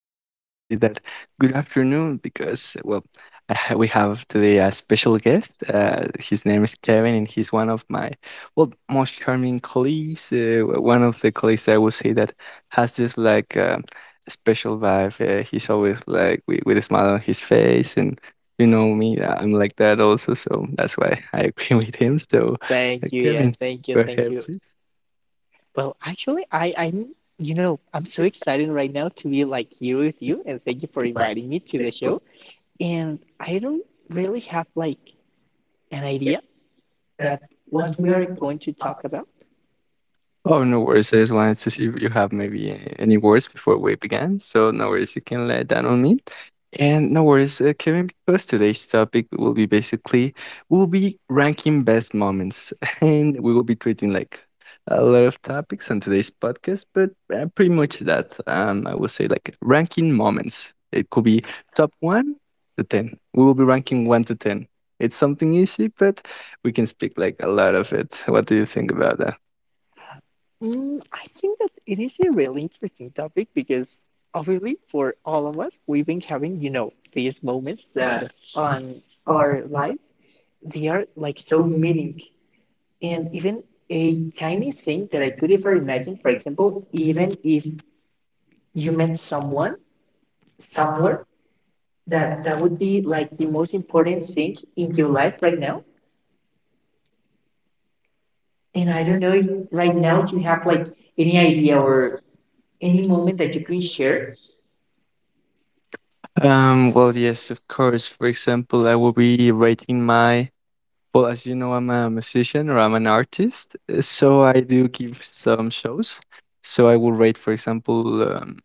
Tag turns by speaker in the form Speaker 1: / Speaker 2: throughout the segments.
Speaker 1: And I will say that good afternoon because, well, we have today a special guest. His name is Kevin, and he's one of my, well, most charming colleagues. One of the colleagues I would say that has this special vibe. He's always like with a smile on his face. And you know me, I'm like that also. So that's why I agree with him. So,
Speaker 2: Thank you, yeah,
Speaker 1: Kevin,
Speaker 2: thank you,
Speaker 1: go
Speaker 2: thank
Speaker 1: ahead,
Speaker 2: you.
Speaker 1: please.
Speaker 2: Well, actually, I'm, you know, I'm so excited right now to be like here with you, and thank you for inviting me to the show. And I don't really have like an idea that what we are going to talk about.
Speaker 1: Oh, no worries. I just wanted to see if you have maybe any words before we began. So, no worries. You can let that on me. And no worries, Kevin, because today's topic will be basically we'll be ranking best moments, and we will be treating like a lot of topics on today's podcast, but pretty much that. I will say like ranking moments. It could be top one to ten. We will be ranking one to ten. It's something easy, but we can speak like a lot of it. What do you think about that?
Speaker 2: Mm, I think that it is a really interesting topic because obviously for all of us, we've been having, you know, these moments that on our life they are like so meaning and
Speaker 1: And
Speaker 2: even a tiny thing that I could ever imagine. For example, even if you
Speaker 1: you
Speaker 2: met
Speaker 1: met
Speaker 2: someone somewhere that
Speaker 1: that
Speaker 2: that
Speaker 1: that
Speaker 2: would
Speaker 1: would
Speaker 2: be
Speaker 1: be
Speaker 2: like the most important thing
Speaker 1: maybe
Speaker 2: in your
Speaker 1: you.
Speaker 2: life right now. And
Speaker 1: And
Speaker 2: I
Speaker 1: I
Speaker 2: don't know
Speaker 1: don't
Speaker 2: if
Speaker 1: know
Speaker 2: right
Speaker 1: right
Speaker 2: now
Speaker 1: now
Speaker 2: you have like any idea or any
Speaker 1: anymore.
Speaker 2: moment that you can share.
Speaker 1: Well, yes, of course. For example, I will be writing my. Well, as you know, I'm a musician or I'm an artist, so I do give some shows. So I will rate, for example,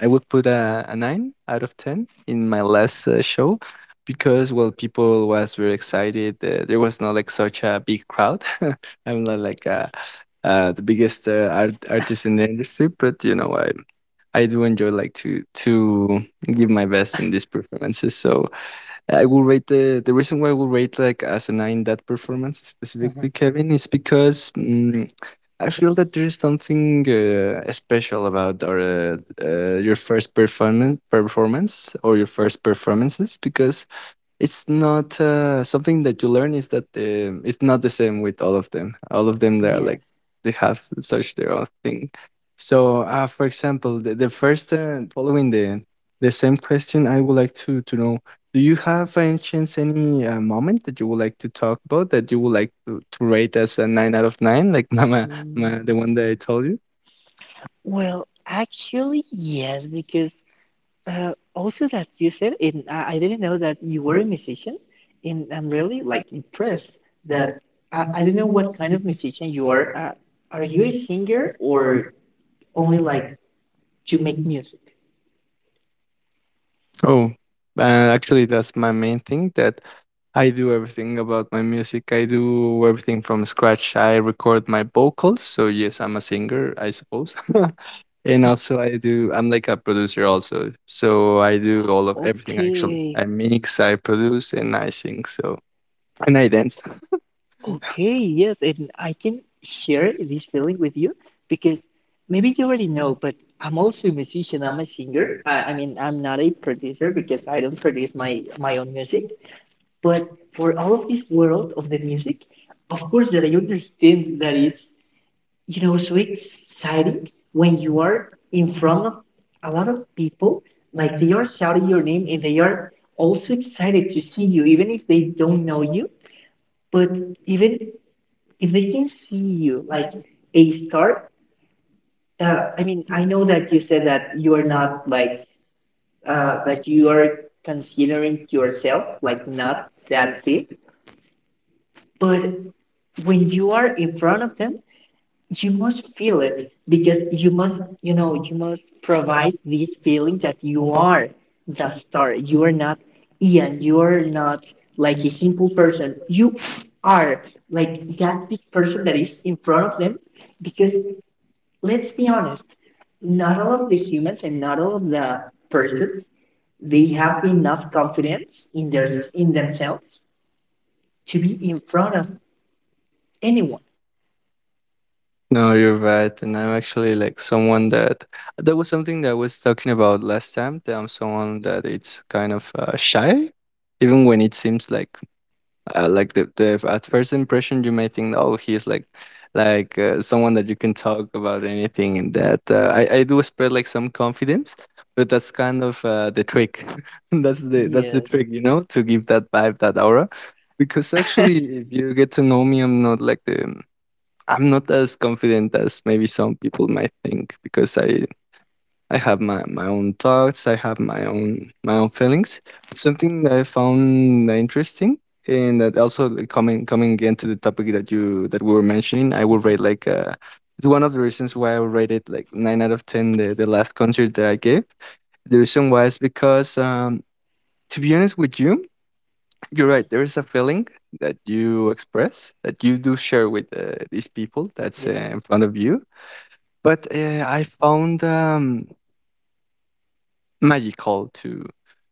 Speaker 1: I would put a nine out of ten in my last show because well, people was very excited. There was not like such a big crowd. I'm not like the biggest artist in the industry, but you know I do enjoy like to give my best in these performances. So I will rate the reason why I will rate like as a nine that performance
Speaker 2: Mhm.
Speaker 1: specifically, Kevin, is because I feel that there's something special about our your first performance or your first performances because it's not something that you learn is that it's not the same with all of them. All of them, they're
Speaker 2: Yes.
Speaker 1: like they have such their own thing. So, for example, the first following the same question, I would like to know: do you have, any chance, any moment that you would like to talk about that you would like to rate as a nine out of nine, like Mama, ma,
Speaker 2: Mm.
Speaker 1: the one that I told you?
Speaker 2: Well, actually, yes, because also, that you said, and I didn't know that you were a musician, and I'm really like impressed that I don't know what kind of musician you are. Are you a singer or only like you make music?
Speaker 1: Oh, uh, actually, that's my main thing that I do everything about my music. I do everything from scratch. I record my vocals. So, yes, I'm a singer, I suppose. And also, I do, I'm like a producer also. So, I do all of everything.
Speaker 2: Okay,
Speaker 1: I mix, I produce, and I sing. So, and I dance.
Speaker 2: okay, yes, and I can share this feeling with you because maybe you already know, but I'm also a musician. I'm a singer. I mean, I'm not a producer because I don't produce my own music. But for all of this world of the music, of course that I understand that is, you know, so exciting when you are in front of a lot of people, like they are shouting your name and they are also excited to see you, even if they don't know you. But even if they can see you, like a star, I mean, I know that you said that you are not like that you are considering yourself like not that fit, but
Speaker 1: Good,
Speaker 2: when
Speaker 1: when you
Speaker 2: you are in front of them, you
Speaker 1: must
Speaker 2: must
Speaker 1: feel
Speaker 2: feel it
Speaker 1: it, because
Speaker 2: because you
Speaker 1: you
Speaker 2: must,
Speaker 1: must,
Speaker 2: you know, you must provide this feeling that you are the star. You are not Ian. You are not like a simple person. You are like
Speaker 1: like that
Speaker 2: that big person
Speaker 1: person
Speaker 2: that
Speaker 1: that
Speaker 2: is in front of
Speaker 1: brought
Speaker 2: them
Speaker 1: this.
Speaker 2: because let's
Speaker 1: Let's
Speaker 2: be
Speaker 1: not,
Speaker 2: honest, not all
Speaker 1: none
Speaker 2: of
Speaker 1: of
Speaker 2: the
Speaker 1: this,
Speaker 2: humans and not all of the persons they
Speaker 1: we
Speaker 2: have
Speaker 1: have
Speaker 2: enough
Speaker 1: enough,
Speaker 2: confidence in their
Speaker 1: there's
Speaker 2: in
Speaker 1: in themselves
Speaker 2: themselves to
Speaker 1: to be
Speaker 2: be in
Speaker 1: brought
Speaker 2: front of
Speaker 1: up anyway.
Speaker 2: anyone.
Speaker 1: No, you're right. And I'm actually like someone that was something that I was talking about last time. That I'm someone that it's kind of shy, even when it seems like the at first impression, you may think, oh, he's like someone that you can talk about anything, and that I do spread like some confidence, but that's kind of the trick. That's the
Speaker 2: Yes,
Speaker 1: trick, you know, to give that vibe, that aura. Because actually, if you get to know me, I'm not like the I'm not as confident as maybe some people might think because I have my own thoughts. I have my own feelings. Something that I found interesting, and that also like, coming again to the topic that you that we were mentioning, I would rate like it's one of the reasons why I would rate it like nine out of ten. The last concert that I gave, the reason why is because to be honest with you, you're right. There is a feeling that you express that you do share with these people that's
Speaker 2: yes.
Speaker 1: in front of you. But I found. Magical to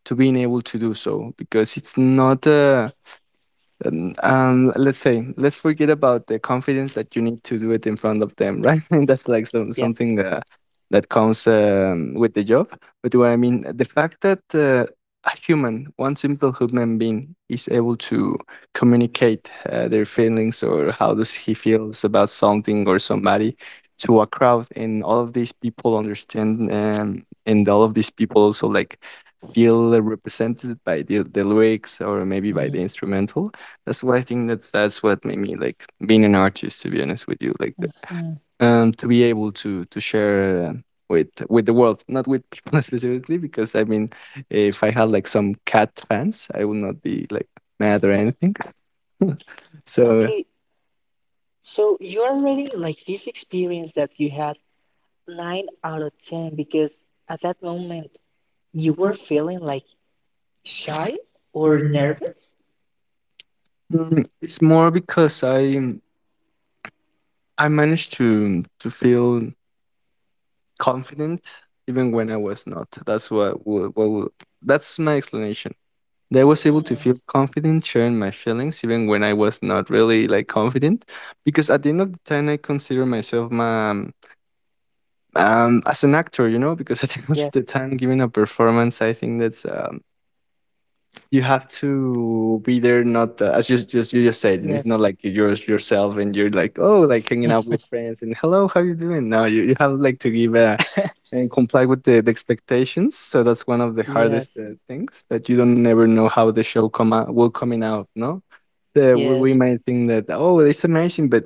Speaker 1: being able to do so because it's not a and let's forget about the confidence that you need to do it in front of them, right? And that's like some
Speaker 2: Yes.
Speaker 1: something that comes with the job, but what I mean, the fact that a human one simple human being is able to communicate their feelings or how does he feels about something or somebody to a crowd, and all of these people understand, and all of these people also like feel represented by the lyrics or maybe by
Speaker 2: Mm,
Speaker 1: the instrumental. That's why I think that's what made me like being an artist. To be honest with you, like
Speaker 2: mhm,
Speaker 1: the,
Speaker 2: mhm.
Speaker 1: to be able to share with the world, not with people specifically, because I mean, if I had like some cat fans, I would not be like mad or anything. So
Speaker 2: Okay, so you're already like this experience that you had nine out of ten because at that moment you were feeling like shy or nervous.
Speaker 1: It's more because I managed to feel confident even when I was not. That's what That's my explanation. That I was able to
Speaker 2: Mm.
Speaker 1: feel confident sharing my feelings even when I was not really like confident, because at the end of the time I consider myself as an actor, you know, because at the end of
Speaker 2: Yes,
Speaker 1: the time giving a performance, I think that's you have to be there, not as you just said, and it's
Speaker 2: yes.
Speaker 1: not like you're just yourself and you're like, oh, like hanging out with friends and hello how you doing. No, you have like to give a and comply with the expectations. So that's one of the hardest
Speaker 2: Yes,
Speaker 1: things that you don't never know how the show come out will coming out. No,
Speaker 2: yes.
Speaker 1: we might think that oh, it's amazing, but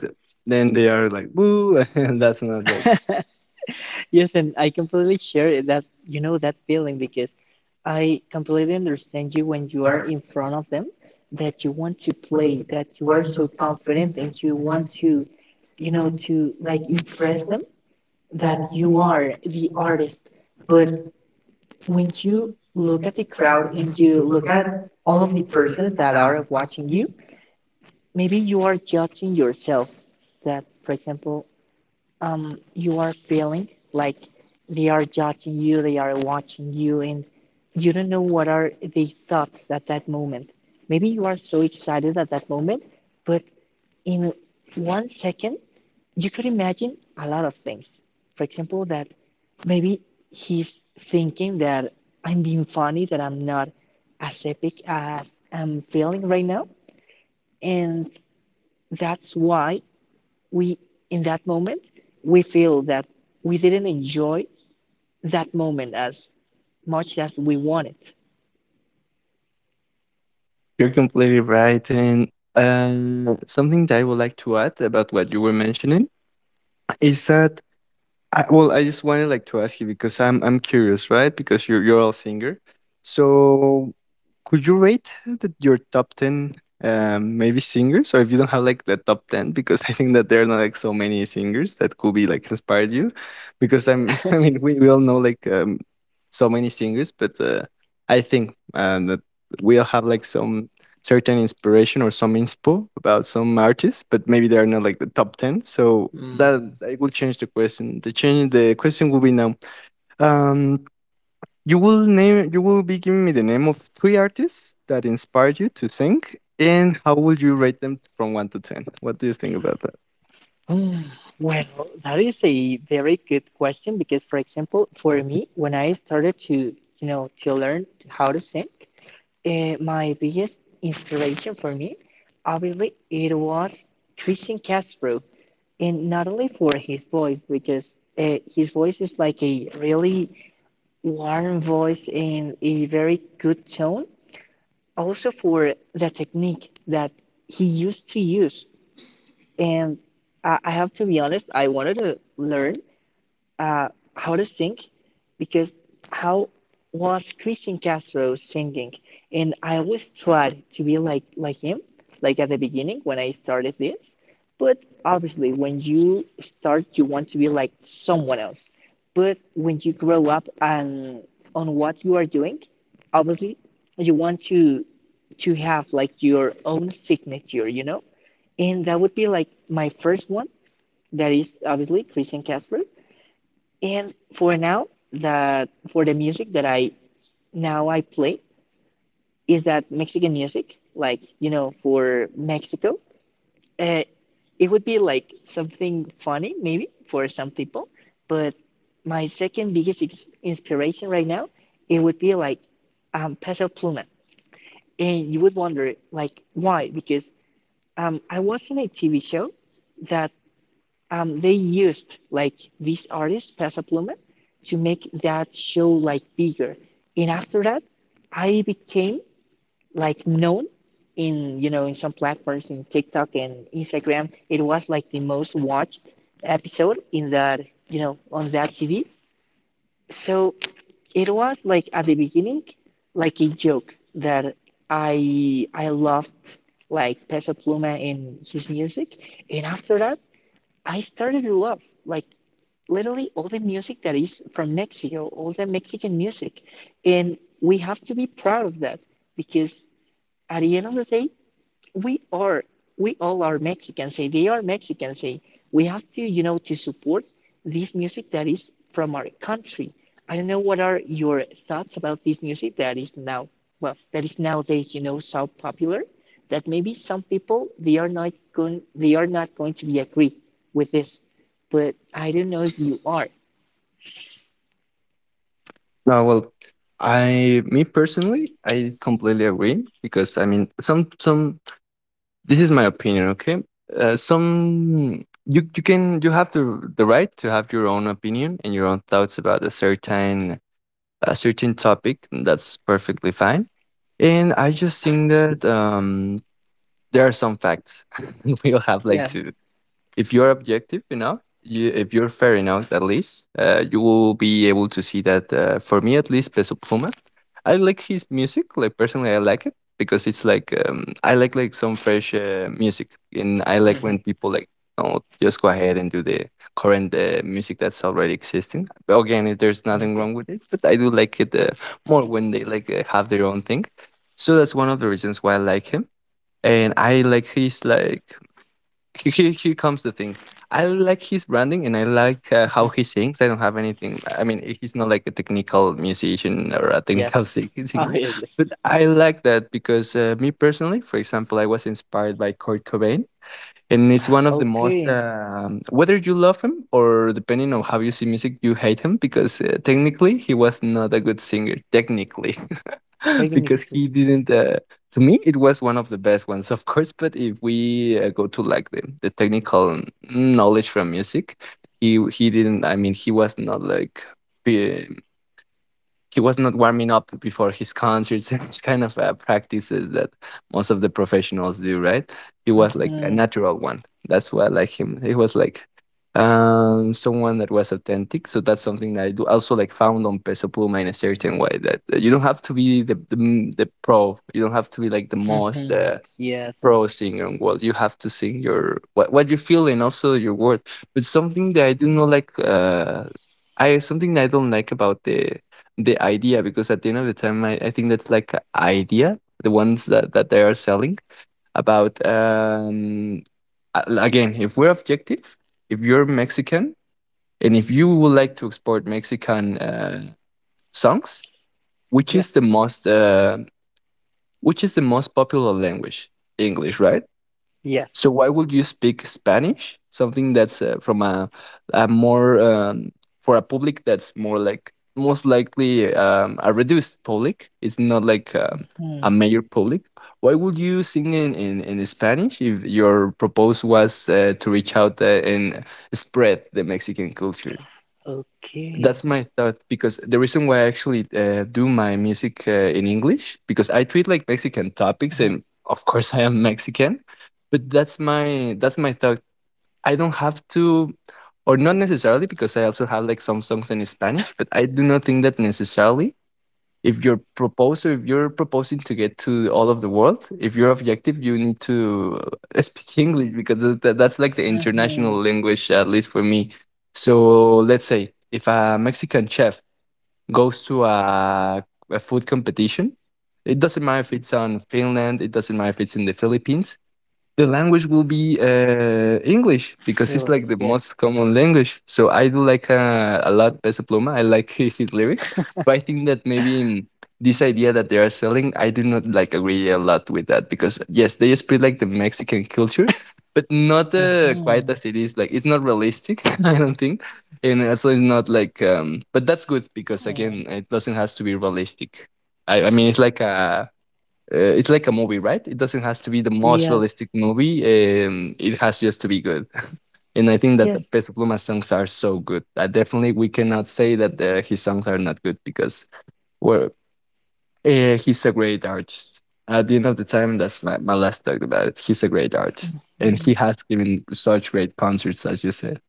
Speaker 1: then they are like, woo, and that's not
Speaker 2: Yes, and I completely share that you know that feeling because I completely understand you when you are in front of them that you want to play, that you are so confident and you want to, you know, to like impress them that you are the
Speaker 1: like.
Speaker 2: artist. But when you look at the crowd and you look at all of the persons that are watching you, maybe you are judging yourself that, for example, um, you are feeling like they are judging you, they are watching you, and you don't know what are the thoughts at that moment. Maybe you are so excited at that moment, but in 1 second, you could imagine a lot of things. For example, that maybe he's thinking that I'm being funny, that I'm not as epic as I'm feeling right now. And that's why we in that moment we feel that we didn't enjoy that moment as much as we wanted.
Speaker 1: You're completely right. And something that I would like to add about what you were mentioning is that I, well, I just wanted like to ask you because I'm curious, right? Because you're all singer, so could you rate your top ten, maybe singers, or if you don't have like the top ten, because I think that there are not like so many singers that could be like inspired you, because I'm, I mean, we all know like so many singers, but I think that we all have like some certain inspiration or some inspo about some artists, but maybe they are not like the top ten. So
Speaker 2: Mm.
Speaker 1: that I will change the question. The change the question will be now. Um, you will be giving me the name of three artists that inspired you to sing, and how would you rate them from one to ten? What do you think about that?
Speaker 2: Hmm, well that is a very good question because for example for me when I started to, you know, to learn how to sing, eh, my biggest inspiration for me obviously it was Christian Castro, and not only for his voice because his voice is like a really learn voice in a very good tone, also for the technique that he used to use. And I have to be honest, I wanted to learn uh, how to sing because how was Christian Castro singing? And I always tried to be like him, like at the beginning when I started this. But obviously, when you start, you want to be like someone else. But when you grow up and on what you are doing, obviously, you want to have like your own signature, you know. And that would be like my first one. That is obviously Christian Castro. And for now, that for the music that I play is that Mexican music, like you know, for Mexico. Uh, it would be like something funny maybe for some people, but my second biggest inspiration right now it would be like Peso Pluma, and you would wonder like why? Because I was in a TV show that they used like this artist Pasa Pluma to make that show like bigger. And after that, I became like known in, you know, in some platforms in TikTok and Instagram. It was like the most watched episode in that, you know, on that TV. So it was like at the beginning, like a joke that I loved like Peso Pluma and his music, and after that I started to love like literally all the music that is from Mexico, all the Mexican music. And we have to be proud of that because at the end of the day, we are, we all are Mexicans. Eh, they are Mexicans. Eh. We have to, you know, to support this music that is from our country. I don't know what are your thoughts about this music that is now, well, that is nowadays, you know, so popular that maybe some people they are not going to be agree with this, but I don't know if you are.
Speaker 1: No, well, I me personally, I completely agree, because I mean some. This is my opinion, okay? Some you you can you have the right to have your own opinion and your own thoughts about a certain topic. And that's perfectly fine. And I just think that there are some facts we'll have like to, if you're objective enough, if you're fair enough, at least, you will be able to see that. For me, at least, Peso Pluma, I like his music. Like personally, I like it because it's like I like some fresh music, and I like
Speaker 2: Mhm.
Speaker 1: when people like no, just go ahead and do the current music that's already existing. But again, if there's nothing
Speaker 2: Okay.
Speaker 1: wrong with it, but I do like it more when they like have their own thing. So that's one of the reasons why I like him, and I like his like here, here comes the thing. I like his branding and I like how
Speaker 2: Mhm.
Speaker 1: he sings. I don't have anything. I mean, he's not like a technical musician or a technical
Speaker 2: Yes,
Speaker 1: singer,
Speaker 2: obviously.
Speaker 1: but I like that because me personally, for example, I was inspired by Kurt Cobain, and it's one of the most
Speaker 2: Okay,
Speaker 1: whether you love him or depending on how you see music you hate him, because technically he was not a good singer technically, because
Speaker 2: technically.
Speaker 1: he didn't to me it was one of the best ones, of course, but if we go to like the technical knowledge from music, he didn't, I mean, he was not like, he was not warming up before his concerts and his kind of practices that most of the professionals do, right? He was like a
Speaker 2: Hmm.
Speaker 1: natural one. That's why I like him. He was like someone that was authentic. So that's something that I do also like found on Peso Pluma in a certain way, that you don't have to be the pro. You don't have to be like the most
Speaker 2: Hmm. Yes.
Speaker 1: pro singer, and well, you have to sing your what you feel and also your word, but something that I do not like I something that I don't like about the idea, because at the end of the time I think that's like a idea, the ones that they are selling about, again, if we're objective, if you're Mexican and if you would like to export Mexican songs, which
Speaker 2: Yes.
Speaker 1: is the most which is the most popular language? English, right?
Speaker 2: Yes.
Speaker 1: So why would you speak Spanish? Something that's from a more for a public that's more like most likely a reduced public. It's not like
Speaker 2: Hmm.
Speaker 1: a major public. Why would you sing in Spanish if your purpose was to reach out and spread the Mexican culture?
Speaker 2: Okay.
Speaker 1: That's my thought, because the reason why I actually do my music in English, because I treat like Mexican topics, and of course I am Mexican, but that's my thought. I don't have to, or not necessarily, because I also have like some songs in Spanish, but I do not think that necessarily, if your proposal, if you're proposing to get to all of the world, if you're objective, you need to speak English, because that's like the
Speaker 2: Mm-hmm.
Speaker 1: international language, at least for me. So let's say if a Mexican chef goes to a food competition, it doesn't matter if it's on Finland, it doesn't matter if it's in the Philippines, the language will be English, because it's
Speaker 2: Really?
Speaker 1: like the
Speaker 2: Yes.
Speaker 1: most common language. So I do like a lot Peso Pluma. I like his lyrics, but I think that maybe, this idea that they are selling, I do not like agree a lot with that, because yes, they spread like the Mexican culture, but not quite
Speaker 2: Mm-hmm.
Speaker 1: as it is. Like, it's not realistic, I don't think, and also it's not like. But that's good, because again, it doesn't has to be realistic. I mean, it's like a movie, right? It doesn't has to be the most
Speaker 2: Yes.
Speaker 1: realistic movie. It has just to be good. And I think that the
Speaker 2: Yes.
Speaker 1: Peso Pluma songs are so good. Definitely, we cannot say that his songs are not good, because well, he's a great artist. At the end of the time, that's my last talk about it. He's a great artist. And
Speaker 2: Mhm.
Speaker 1: he has given such great concerts, as you said.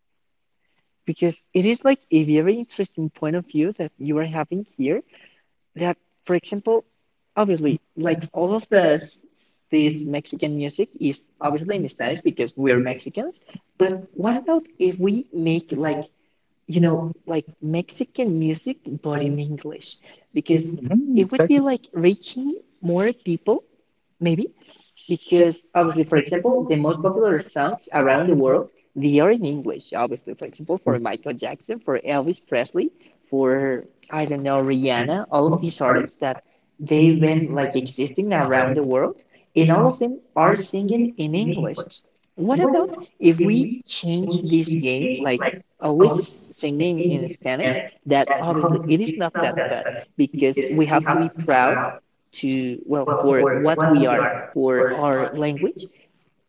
Speaker 2: Because it is like a very interesting point of view that you are having here. That, for example, obviously like
Speaker 1: When
Speaker 2: all
Speaker 1: all
Speaker 2: of this this
Speaker 1: the
Speaker 2: Mexican music is obviously in
Speaker 1: offerings
Speaker 2: Spanish
Speaker 1: that we
Speaker 2: because we're
Speaker 1: we're making.
Speaker 2: Mexicans, but
Speaker 1: But what
Speaker 2: what about
Speaker 1: about if
Speaker 2: if we
Speaker 1: we,
Speaker 2: make
Speaker 1: if
Speaker 2: like, you
Speaker 1: you
Speaker 2: know,
Speaker 1: know,
Speaker 2: like Mexican music, but in
Speaker 1: like,
Speaker 2: English, because
Speaker 1: is mhm,
Speaker 2: it would be
Speaker 1: exactly.
Speaker 2: like reaching more people, maybe, because
Speaker 1: Uh,
Speaker 2: obviously,
Speaker 1: the
Speaker 2: for example,
Speaker 1: principle
Speaker 2: the
Speaker 1: in
Speaker 2: most
Speaker 1: one local
Speaker 2: popular songs
Speaker 1: sounds
Speaker 2: around the world, they are in English,
Speaker 1: around,
Speaker 2: obviously. For example,
Speaker 1: exactly,
Speaker 2: for Michael Jackson, for Elvis Presley, for, I don't know, Rihanna, all of these artists that they've been like existing around the world, and all of them are singing in English. What about if we change this game, like always singing
Speaker 1: in
Speaker 2: in Spanish,
Speaker 1: and
Speaker 2: that
Speaker 1: all
Speaker 2: obviously it is not
Speaker 1: stuff
Speaker 2: that
Speaker 1: that
Speaker 2: bad because we have to be proud to, well,
Speaker 1: well,
Speaker 2: for
Speaker 1: for
Speaker 2: what
Speaker 1: what
Speaker 2: we
Speaker 1: we
Speaker 2: are,
Speaker 1: are
Speaker 2: for
Speaker 1: or
Speaker 2: our language.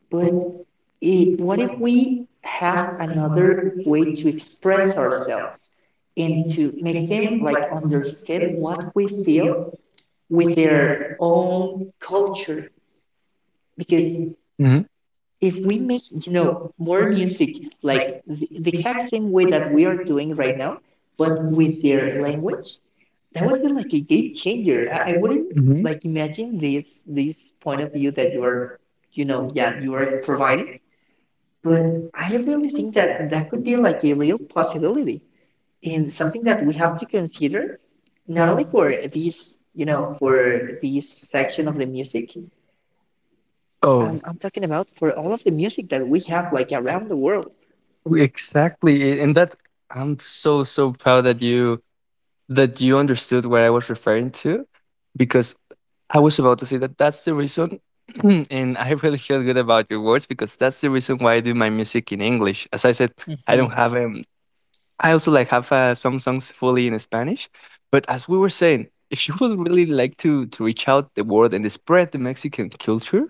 Speaker 2: But
Speaker 1: who
Speaker 2: I what if we have
Speaker 1: have
Speaker 2: another
Speaker 1: another
Speaker 2: way to express
Speaker 1: spread or
Speaker 2: ourselves and
Speaker 1: into
Speaker 2: to make
Speaker 1: make
Speaker 2: them
Speaker 1: them
Speaker 2: like
Speaker 1: like
Speaker 2: understand
Speaker 1: they
Speaker 2: what
Speaker 1: want
Speaker 2: we
Speaker 1: to
Speaker 2: feel
Speaker 1: feel
Speaker 2: with their
Speaker 1: their
Speaker 2: own culture?
Speaker 1: is
Speaker 2: Because
Speaker 1: mhm,
Speaker 2: if we make, you know, more music like the exact same way that we are doing right now but
Speaker 1: when
Speaker 2: with
Speaker 1: we
Speaker 2: their
Speaker 1: their
Speaker 2: language
Speaker 1: language.
Speaker 2: that
Speaker 1: That
Speaker 2: would
Speaker 1: would
Speaker 2: be
Speaker 1: be like
Speaker 2: like a game
Speaker 1: a
Speaker 2: changer
Speaker 1: behavior.
Speaker 2: I
Speaker 1: I would
Speaker 2: wouldn't
Speaker 1: mhm
Speaker 2: like
Speaker 1: like
Speaker 2: imagine
Speaker 1: mention
Speaker 2: this
Speaker 1: is
Speaker 2: this point
Speaker 1: point
Speaker 2: of
Speaker 1: of
Speaker 2: view that
Speaker 1: emphasis
Speaker 2: you are,
Speaker 1: where,
Speaker 2: you
Speaker 1: you
Speaker 2: know,
Speaker 1: know,
Speaker 2: yeah,
Speaker 1: yeah,
Speaker 2: you are
Speaker 1: we're
Speaker 2: providing,
Speaker 1: providing.
Speaker 2: but
Speaker 1: But
Speaker 2: I
Speaker 1: I
Speaker 2: really
Speaker 1: think
Speaker 2: think that
Speaker 1: that
Speaker 2: that
Speaker 1: that
Speaker 2: could
Speaker 1: could
Speaker 2: be
Speaker 1: be
Speaker 2: like
Speaker 1: like,
Speaker 2: a real
Speaker 1: possible,
Speaker 2: possibility and
Speaker 1: that
Speaker 2: something that we
Speaker 1: we
Speaker 2: have
Speaker 1: have,
Speaker 2: to consider,
Speaker 1: you
Speaker 2: not only
Speaker 1: know,
Speaker 2: for these, you know, for
Speaker 1: where
Speaker 2: this section of the music.
Speaker 1: oh,
Speaker 2: Um, I'm talking about for all of the music that we have like around the world.
Speaker 1: exactly. And that I'm so so proud that you understood what I was referring to, because I was about to say that that's the reason. And I really feel good about your words, because that's the reason why I do my music in English. As I said, I
Speaker 2: Mm-hmm.
Speaker 1: don't have a I also like have some songs fully in Spanish, but as we were saying, if you would really like to reach out the world and spread the Mexican culture,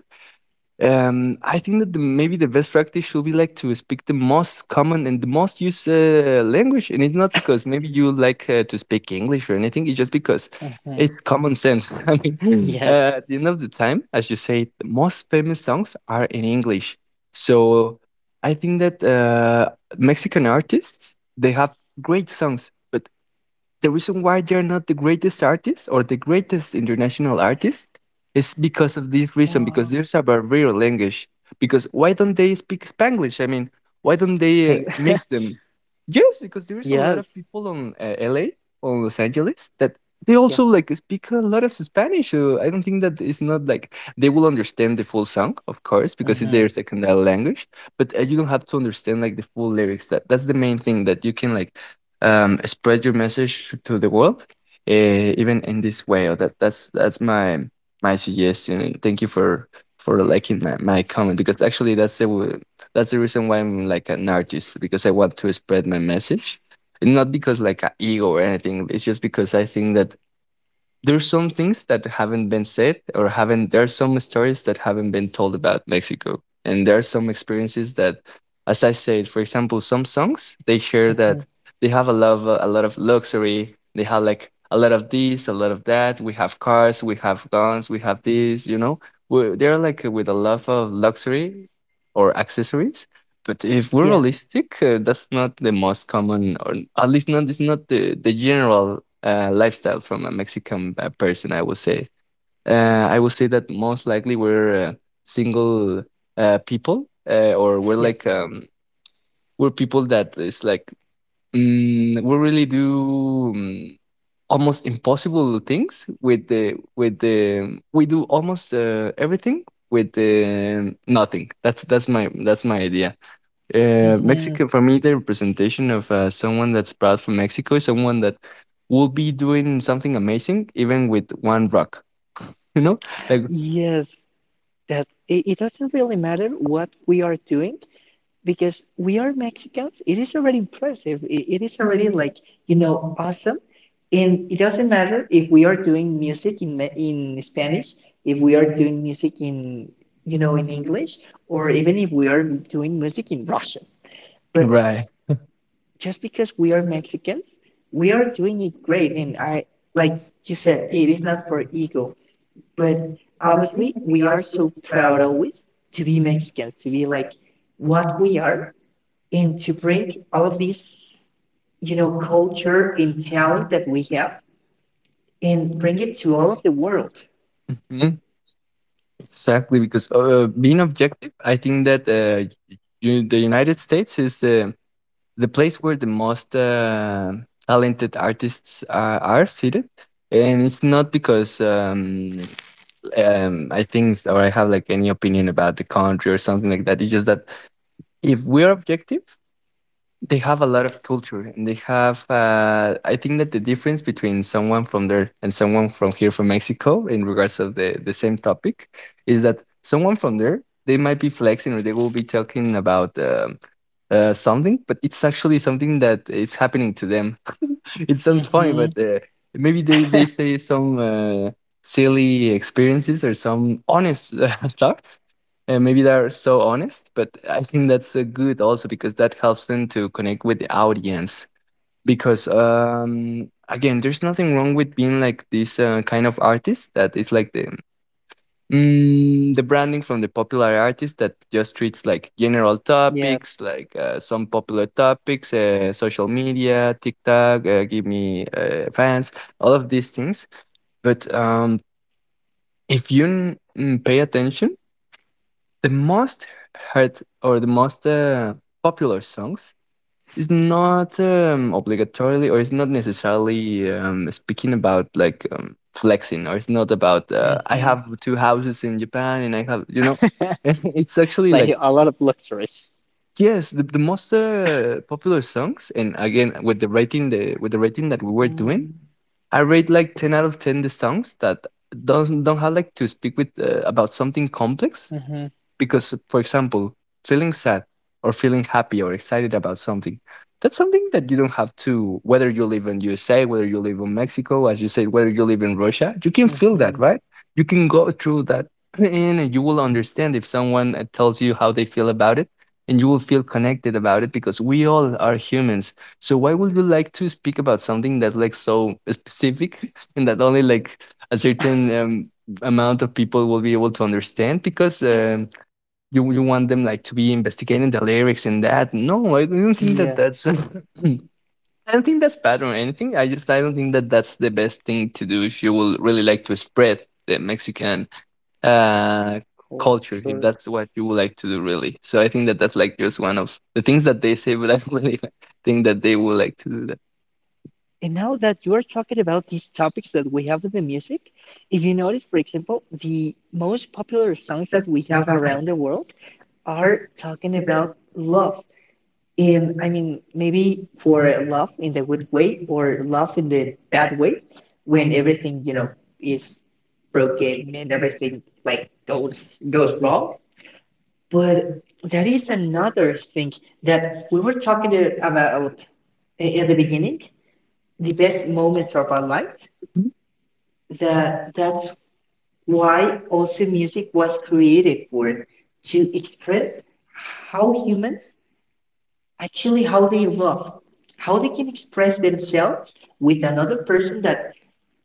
Speaker 1: I think that maybe the best practice should be like to speak the most common and the most used language, and it's not because maybe you like to speak English or anything. It's just because
Speaker 2: Mm-hmm.
Speaker 1: it's common sense. I mean, mm,
Speaker 2: Yes.
Speaker 1: at the end of the time, as you say, the most famous songs are in English. So I think that Mexican artists, they have great songs, but the reason why they're not the greatest artists or the greatest international artists is because of this reason, because
Speaker 2: Wow.
Speaker 1: there's a barrier language, because why don't they speak Spanglish? I mean, why don't they
Speaker 2: Thank-
Speaker 1: make them, yes, because there is a lot of
Speaker 2: Yes.
Speaker 1: people on LA, on Los Angeles, that they also
Speaker 2: Yes.
Speaker 1: like speak a lot of Spanish, so I don't think that it's not like they will understand the full song, of course, because it's
Speaker 2: Mm-hmm.
Speaker 1: their second language, but you don't have to understand like the full lyrics, that that's the main thing, that you can like, spread your message to the world, even in this way. Or, that that's my my suggestion. And thank you for liking my comment, because actually that's that's the reason why I'm like an artist, because I want to spread my message, and not because like a ego or anything. It's just because I think that there's some things that haven't been said, or haven't, there are some stories that haven't been told about Mexico, and there are some experiences that, as I said, for example, some songs they share
Speaker 2: Mm-hmm.
Speaker 1: that they have a lot of, a lot of luxury, they have like a lot of this, a lot of that, we have cars, we have guns, we have this, you know, we, they're like with a lot of luxury or accessories, but if we're
Speaker 2: Yes.
Speaker 1: realistic, that's not the most common, or at least not, it's not the the general lifestyle from a Mexican person, I would say. I would say that most likely we're single people, or we're like
Speaker 2: Yes.
Speaker 1: we're people that is like mm, we really do mm, almost impossible things with the we do almost everything with the nothing. That's my idea. Uh,
Speaker 2: Mm-hmm.
Speaker 1: Mexico, for me, the representation of someone that's proud from Mexico is someone that will be doing something amazing, even with one rock. You know, like,
Speaker 2: Yes. That it doesn't really matter what we are doing because we are Mexicans. It is already impressive. It is
Speaker 1: so
Speaker 2: already
Speaker 1: anyway,
Speaker 2: like, you
Speaker 1: you
Speaker 2: know,
Speaker 1: know, also,
Speaker 2: awesome. And
Speaker 1: and it
Speaker 2: it
Speaker 1: doesn't
Speaker 2: doesn't matter
Speaker 1: matter
Speaker 2: if
Speaker 1: if we
Speaker 2: we
Speaker 1: are
Speaker 2: are
Speaker 1: doing
Speaker 2: doing
Speaker 1: music
Speaker 2: music in
Speaker 1: in
Speaker 2: in
Speaker 1: Spanish,
Speaker 2: Spanish, if
Speaker 1: if we
Speaker 2: we are
Speaker 1: are doing
Speaker 2: doing
Speaker 1: music,
Speaker 2: music in,
Speaker 1: you
Speaker 2: you
Speaker 1: know,
Speaker 2: know, in
Speaker 1: in
Speaker 2: English,
Speaker 1: English, or
Speaker 2: or
Speaker 1: even
Speaker 2: even if
Speaker 1: in
Speaker 2: we are doing music in Russian.
Speaker 1: English,
Speaker 2: But
Speaker 1: right,
Speaker 2: just because we are Mexicans, we are doing it great. And I, like you said, it is not for ego,
Speaker 1: people. But
Speaker 2: but obviously
Speaker 1: obviously we
Speaker 2: we
Speaker 1: are
Speaker 2: are
Speaker 1: so
Speaker 2: so
Speaker 1: proud
Speaker 2: proud
Speaker 1: of
Speaker 2: always to be
Speaker 1: humans,
Speaker 2: Mexicans, to be like
Speaker 1: like
Speaker 2: what
Speaker 1: one
Speaker 2: we are, and to
Speaker 1: into,
Speaker 2: bring all of this, you
Speaker 1: you
Speaker 2: know,
Speaker 1: know, whole detail,
Speaker 2: culture and talent that we have and
Speaker 1: and bring
Speaker 2: bring it
Speaker 1: it.
Speaker 2: to all of the world.
Speaker 1: Mhm. Exactly, because being objective, I think that you, the United States is the place where the most talented artists are seated, and it's not because I think or I have like any opinion about the country or something like that. It's just that if we're objective, they have a lot of culture, and they have. I think that the difference between someone from there and someone from here from Mexico, in regards of the same topic, is that someone from there, they might be flexing or they will be talking about something, but it's actually something that is happening to them. It sounds funny,
Speaker 2: Mm-hmm.
Speaker 1: but maybe they say some silly experiences or some honest thoughts, and maybe they're so honest, but I think that's good also because that helps them to connect with the audience. Because again, there's nothing wrong with being like this kind of artist that is like the branding from the popular artist that just treats like general
Speaker 2: Yes.
Speaker 1: topics, like some popular topics, social media, TikTok, give me fans, all of these things. But if pay attention, the most heard or the most popular songs is not obligatorily, or it's not necessarily speaking about, like, flexing, or it's not about I
Speaker 2: Mm-hmm.
Speaker 1: have two houses in Japan and I have. It's actually
Speaker 2: Like
Speaker 1: like,
Speaker 2: a lot of luxuries.
Speaker 1: yes, the most popular songs. And again, with the rating, the with the rating that we were doing,
Speaker 2: Mm-hmm.
Speaker 1: I rate like 10 out of 10 the songs that doesn't don't have like to speak with about something complex. Because, for example, feeling sad or feeling happy or excited about something, that's something that you don't have to, whether you live in USA, whether you live in Mexico, as you said, whether you live in Russia, you can feel
Speaker 2: Mm-hmm.
Speaker 1: that, right? You can go through that and you will understand if someone tells you how they feel about it, and you will feel connected about it because we all are humans. So why would you like to speak about something that like so specific and that only like a certain amount of people will be able to understand? Because you want them like to be investigating the lyrics and that. No, I don't think that that's.
Speaker 2: Yes.
Speaker 1: I don't think that's bad or anything. I just, I don't think that that's the best thing to do if you will really like to spread the Mexican uh, culture, if
Speaker 2: Culture.
Speaker 1: that's what you would like to do, really. So I think that that's like just one of the things that they say, but I don't really, like, think that they would like to do that.
Speaker 2: And now that you are talking about these topics that we have in the music, if you notice, for example, the most popular songs that we
Speaker 1: Have
Speaker 2: have
Speaker 1: a
Speaker 2: around the world are talking about love.
Speaker 1: look
Speaker 2: And
Speaker 1: in
Speaker 2: I
Speaker 1: my
Speaker 2: mean, maybe for love in the good way or love in the bad way, when everything, you know, is
Speaker 1: broken,
Speaker 2: broken and everything like goes goes
Speaker 1: your
Speaker 2: wrong.
Speaker 1: dog
Speaker 2: But
Speaker 1: would
Speaker 2: that is another thing that
Speaker 1: that
Speaker 2: we were talking about at the
Speaker 1: maybe
Speaker 2: beginning, the best moments of our lives, that
Speaker 1: that's
Speaker 2: that's why
Speaker 1: why
Speaker 2: also music was created for, to express how
Speaker 1: how
Speaker 2: humans actually
Speaker 1: actually
Speaker 2: how
Speaker 1: how
Speaker 2: they
Speaker 1: they
Speaker 2: love,
Speaker 1: evolve,
Speaker 2: how
Speaker 1: how
Speaker 2: they
Speaker 1: they can
Speaker 2: can
Speaker 1: express
Speaker 2: express
Speaker 1: themselves
Speaker 2: themselves
Speaker 1: with
Speaker 2: with another
Speaker 1: another person
Speaker 2: person that
Speaker 1: that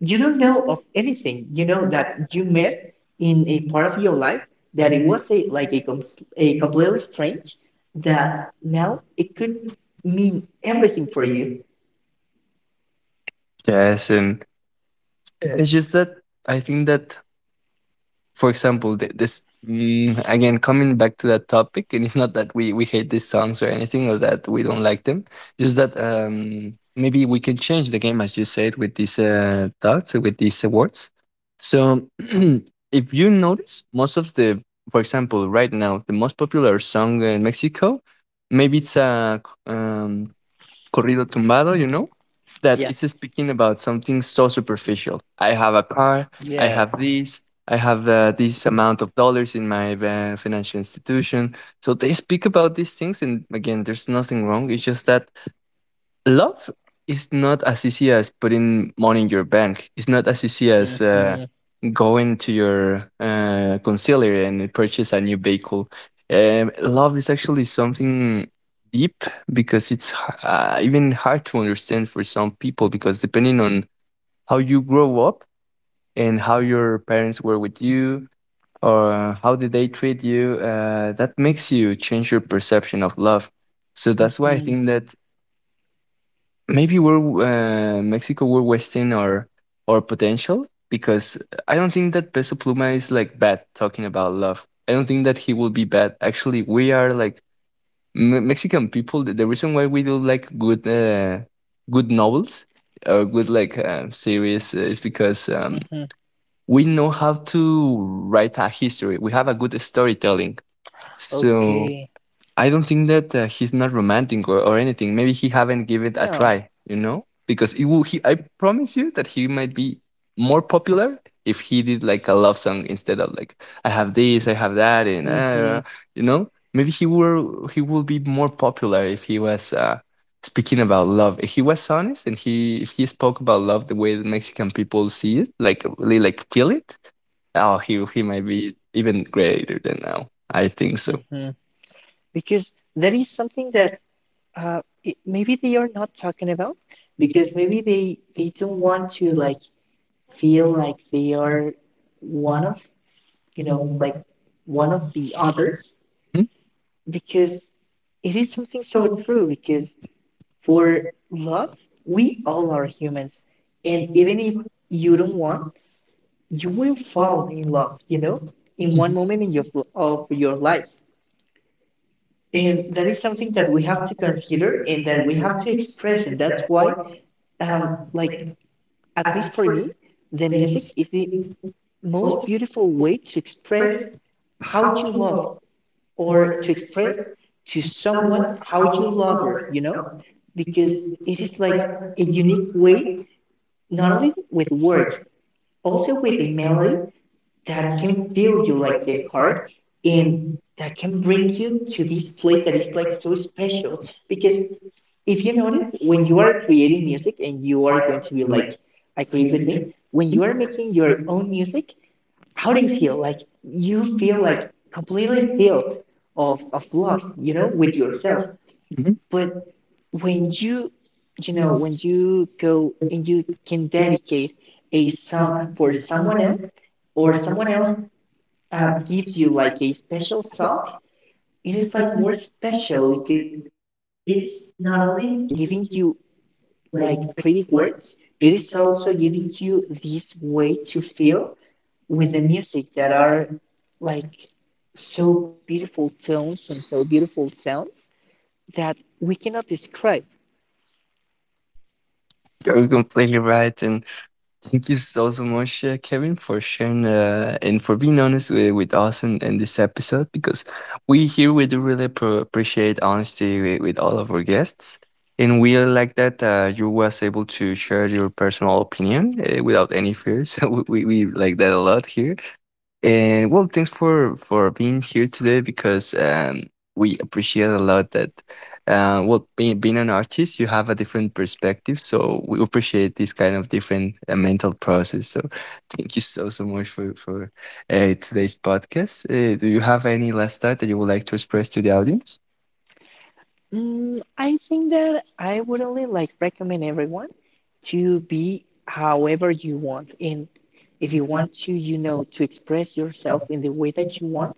Speaker 2: you
Speaker 1: you
Speaker 2: don't
Speaker 1: don't
Speaker 2: know of
Speaker 1: know
Speaker 2: anything, you know, that you met
Speaker 1: in
Speaker 2: in a
Speaker 1: the
Speaker 2: part of your life that it was a like a, a
Speaker 1: state of
Speaker 2: completely strange, that
Speaker 1: that.
Speaker 2: now it could mean everything for you.
Speaker 1: Yes, and it's just that I think that, for example, again coming back to that topic, and it's not that we hate these songs or anything, or that we don't like them. Just that maybe we can change the game, as you said, with these thoughts, with these words. So, if you notice, most of the, for example, right now, the most popular song in Mexico, maybe it's a um, corrido tumbado, you know, that it's
Speaker 2: Yes.
Speaker 1: speaking about something so superficial. I have a car, I have
Speaker 2: Yes.
Speaker 1: this, I have this amount of dollars in my financial institution. So they speak about these things, and again, there's nothing wrong. It's just that love is not as easy as putting money in your bank. It's not as easy as going to your concealer and purchase a new vehicle. Love is actually something deep because it's even hard to understand for some people because depending on how you grow up and how your parents were with you or how did they treat you, that makes you change your perception of love. So that's why I think that maybe we're Mexico. We're wasting our potential because I don't think that Peso Pluma is like bad talking about love. I don't think that he will be bad. Actually, we are like Mexican people. The reason why we do like good novels or good like series is because
Speaker 2: Mm-hmm.
Speaker 1: we know how to write a history. We have a good storytelling. So
Speaker 2: Okay.
Speaker 1: I don't think that he's not romantic or anything. Maybe he haven't give it a
Speaker 2: No.
Speaker 1: try, you know? Because it will, he, I promise you that he might be more popular if he did like a love song instead of like I have this, I have that, and
Speaker 2: Hmm.
Speaker 1: you know, maybe he will be more popular if he was speaking about love. If he was honest, and he if he spoke about love the way the Mexican people see it, like really like feel it, oh, he might be even greater than now. I think so.
Speaker 2: Hmm. Because there is something that it, maybe they are not talking about because maybe they don't want to like feel like they are
Speaker 1: One
Speaker 2: one
Speaker 1: of,
Speaker 2: of, you
Speaker 1: you
Speaker 2: know,
Speaker 1: know,
Speaker 2: like
Speaker 1: like one
Speaker 2: one of
Speaker 1: of.
Speaker 2: the others,
Speaker 1: Hmm.
Speaker 2: because it is something so
Speaker 1: So,
Speaker 2: true because for love we all are humans and
Speaker 1: and either
Speaker 2: even if
Speaker 1: you
Speaker 2: you don't want you will
Speaker 1: or,
Speaker 2: fall in love,
Speaker 1: or,
Speaker 2: you
Speaker 1: you know,
Speaker 2: know, in
Speaker 1: in one
Speaker 2: one moment
Speaker 1: thing
Speaker 2: in
Speaker 1: you
Speaker 2: your of
Speaker 1: or
Speaker 2: your
Speaker 1: your life.
Speaker 2: life. And
Speaker 1: And
Speaker 2: that
Speaker 1: that
Speaker 2: is
Speaker 1: is
Speaker 2: something
Speaker 1: something
Speaker 2: that
Speaker 1: that
Speaker 2: we
Speaker 1: we
Speaker 2: have to
Speaker 1: have to
Speaker 2: consider
Speaker 1: consider,
Speaker 2: and that
Speaker 1: and
Speaker 2: we
Speaker 1: we
Speaker 2: have
Speaker 1: have
Speaker 2: to
Speaker 1: to
Speaker 2: express.
Speaker 1: express
Speaker 2: And
Speaker 1: it.
Speaker 2: that's
Speaker 1: That's why,
Speaker 2: why,
Speaker 1: um,
Speaker 2: like,
Speaker 1: like,
Speaker 2: at
Speaker 1: as
Speaker 2: least
Speaker 1: least
Speaker 2: for
Speaker 1: for
Speaker 2: me, the
Speaker 1: the
Speaker 2: music is the
Speaker 1: university,
Speaker 2: most
Speaker 1: both
Speaker 2: beautiful way to express
Speaker 1: express
Speaker 2: how
Speaker 1: how
Speaker 2: you
Speaker 1: you
Speaker 2: love
Speaker 1: love
Speaker 2: or
Speaker 1: or
Speaker 2: to
Speaker 1: to
Speaker 2: express
Speaker 1: express
Speaker 2: to someone
Speaker 1: someone
Speaker 2: how
Speaker 1: how
Speaker 2: you
Speaker 1: you
Speaker 2: love
Speaker 1: love
Speaker 2: her,
Speaker 1: her.
Speaker 2: you
Speaker 1: You
Speaker 2: know?
Speaker 1: know,
Speaker 2: Because
Speaker 1: it's,
Speaker 2: it is
Speaker 1: it's
Speaker 2: like
Speaker 1: like a
Speaker 2: a unique
Speaker 1: unique
Speaker 2: way,
Speaker 1: way,
Speaker 2: not
Speaker 1: not
Speaker 2: only with words,
Speaker 1: words.
Speaker 2: also
Speaker 1: Also,
Speaker 2: with a
Speaker 1: you
Speaker 2: melody
Speaker 1: know,
Speaker 2: that
Speaker 1: that
Speaker 2: can
Speaker 1: can
Speaker 2: fill you like
Speaker 1: like
Speaker 2: the
Speaker 1: the
Speaker 2: heart
Speaker 1: card
Speaker 2: and
Speaker 1: and
Speaker 2: that can bring
Speaker 1: brings
Speaker 2: you
Speaker 1: you
Speaker 2: to
Speaker 1: to
Speaker 2: this place that is
Speaker 1: the
Speaker 2: like so
Speaker 1: place
Speaker 2: special
Speaker 1: to
Speaker 2: because
Speaker 1: just
Speaker 2: if you notice when you are creating music and you are going
Speaker 1: where
Speaker 2: to be
Speaker 1: you
Speaker 2: like
Speaker 1: like
Speaker 2: agree
Speaker 1: to
Speaker 2: with me
Speaker 1: live.
Speaker 2: when you are making your own music how
Speaker 1: How
Speaker 2: do
Speaker 1: do
Speaker 2: you
Speaker 1: you
Speaker 2: feel?
Speaker 1: feel?
Speaker 2: Like you
Speaker 1: You
Speaker 2: feel
Speaker 1: feel,
Speaker 2: like completely
Speaker 1: really
Speaker 2: filled
Speaker 1: feel
Speaker 2: of love, you know, with yourself.
Speaker 1: yourself. Mhm.
Speaker 2: But when
Speaker 1: And
Speaker 2: you
Speaker 1: you
Speaker 2: know,
Speaker 1: know,
Speaker 2: when you go and you can dedicate a song
Speaker 1: someone
Speaker 2: for someone
Speaker 1: someone
Speaker 2: else
Speaker 1: else
Speaker 2: or
Speaker 1: or
Speaker 2: someone
Speaker 1: someone
Speaker 2: else,
Speaker 1: else um
Speaker 2: gives you like a special song,
Speaker 1: song.
Speaker 2: it is
Speaker 1: Just
Speaker 2: like
Speaker 1: like
Speaker 2: more
Speaker 1: what's
Speaker 2: special
Speaker 1: special.
Speaker 2: because it is
Speaker 1: It's
Speaker 2: not
Speaker 1: not
Speaker 2: only
Speaker 1: only
Speaker 2: giving
Speaker 1: giving you
Speaker 2: you
Speaker 1: like
Speaker 2: like pretty words,
Speaker 1: words,
Speaker 2: it is
Speaker 1: it's
Speaker 2: also
Speaker 1: also
Speaker 2: giving you this way to feel
Speaker 1: the
Speaker 2: with the
Speaker 1: music
Speaker 2: music that
Speaker 1: that are.
Speaker 2: are like so beautiful tones and so beautiful sounds that we cannot describe.
Speaker 1: You're completely right. And thank you so, so much, Kevin, for sharing and for being honest with us in this episode because we here, we do really appreciate honesty with all of our guests. And we are like that, you was able to share your personal opinion without any fear. So we like that a lot here. And well, thanks for being here today because we appreciate a lot that, well, being an artist, you have a different perspective, so we appreciate this kind of different mental process. So, thank you so so much for today's podcast. Do you have any last thought that you would like to express to the audience?
Speaker 2: Mm, I think that I would only like recommend everyone to be however you want. And if you want to, you know, to express yourself in the way that you want.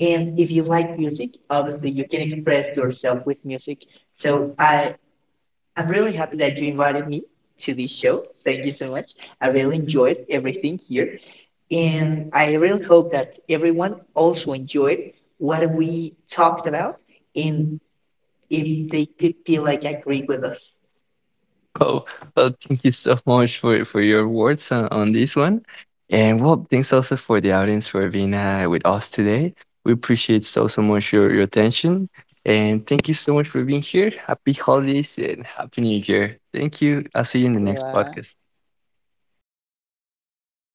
Speaker 2: And if you like music, obviously you can express yourself with music. So I'm really
Speaker 1: Really.
Speaker 2: happy that you invited me to this show. Thank you so much. I really enjoyed
Speaker 1: Really.
Speaker 2: everything here. And I really hope that everyone also enjoyed what we talked about and if they could feel like agree with
Speaker 1: Oh, well, thank you so much for your words on this one. And well, thanks also for the audience for being with us today. We appreciate so, so much your attention. And thank you so much for being here. Happy holidays and happy New Year. Thank you. I'll see you in the next
Speaker 2: us.
Speaker 1: podcast.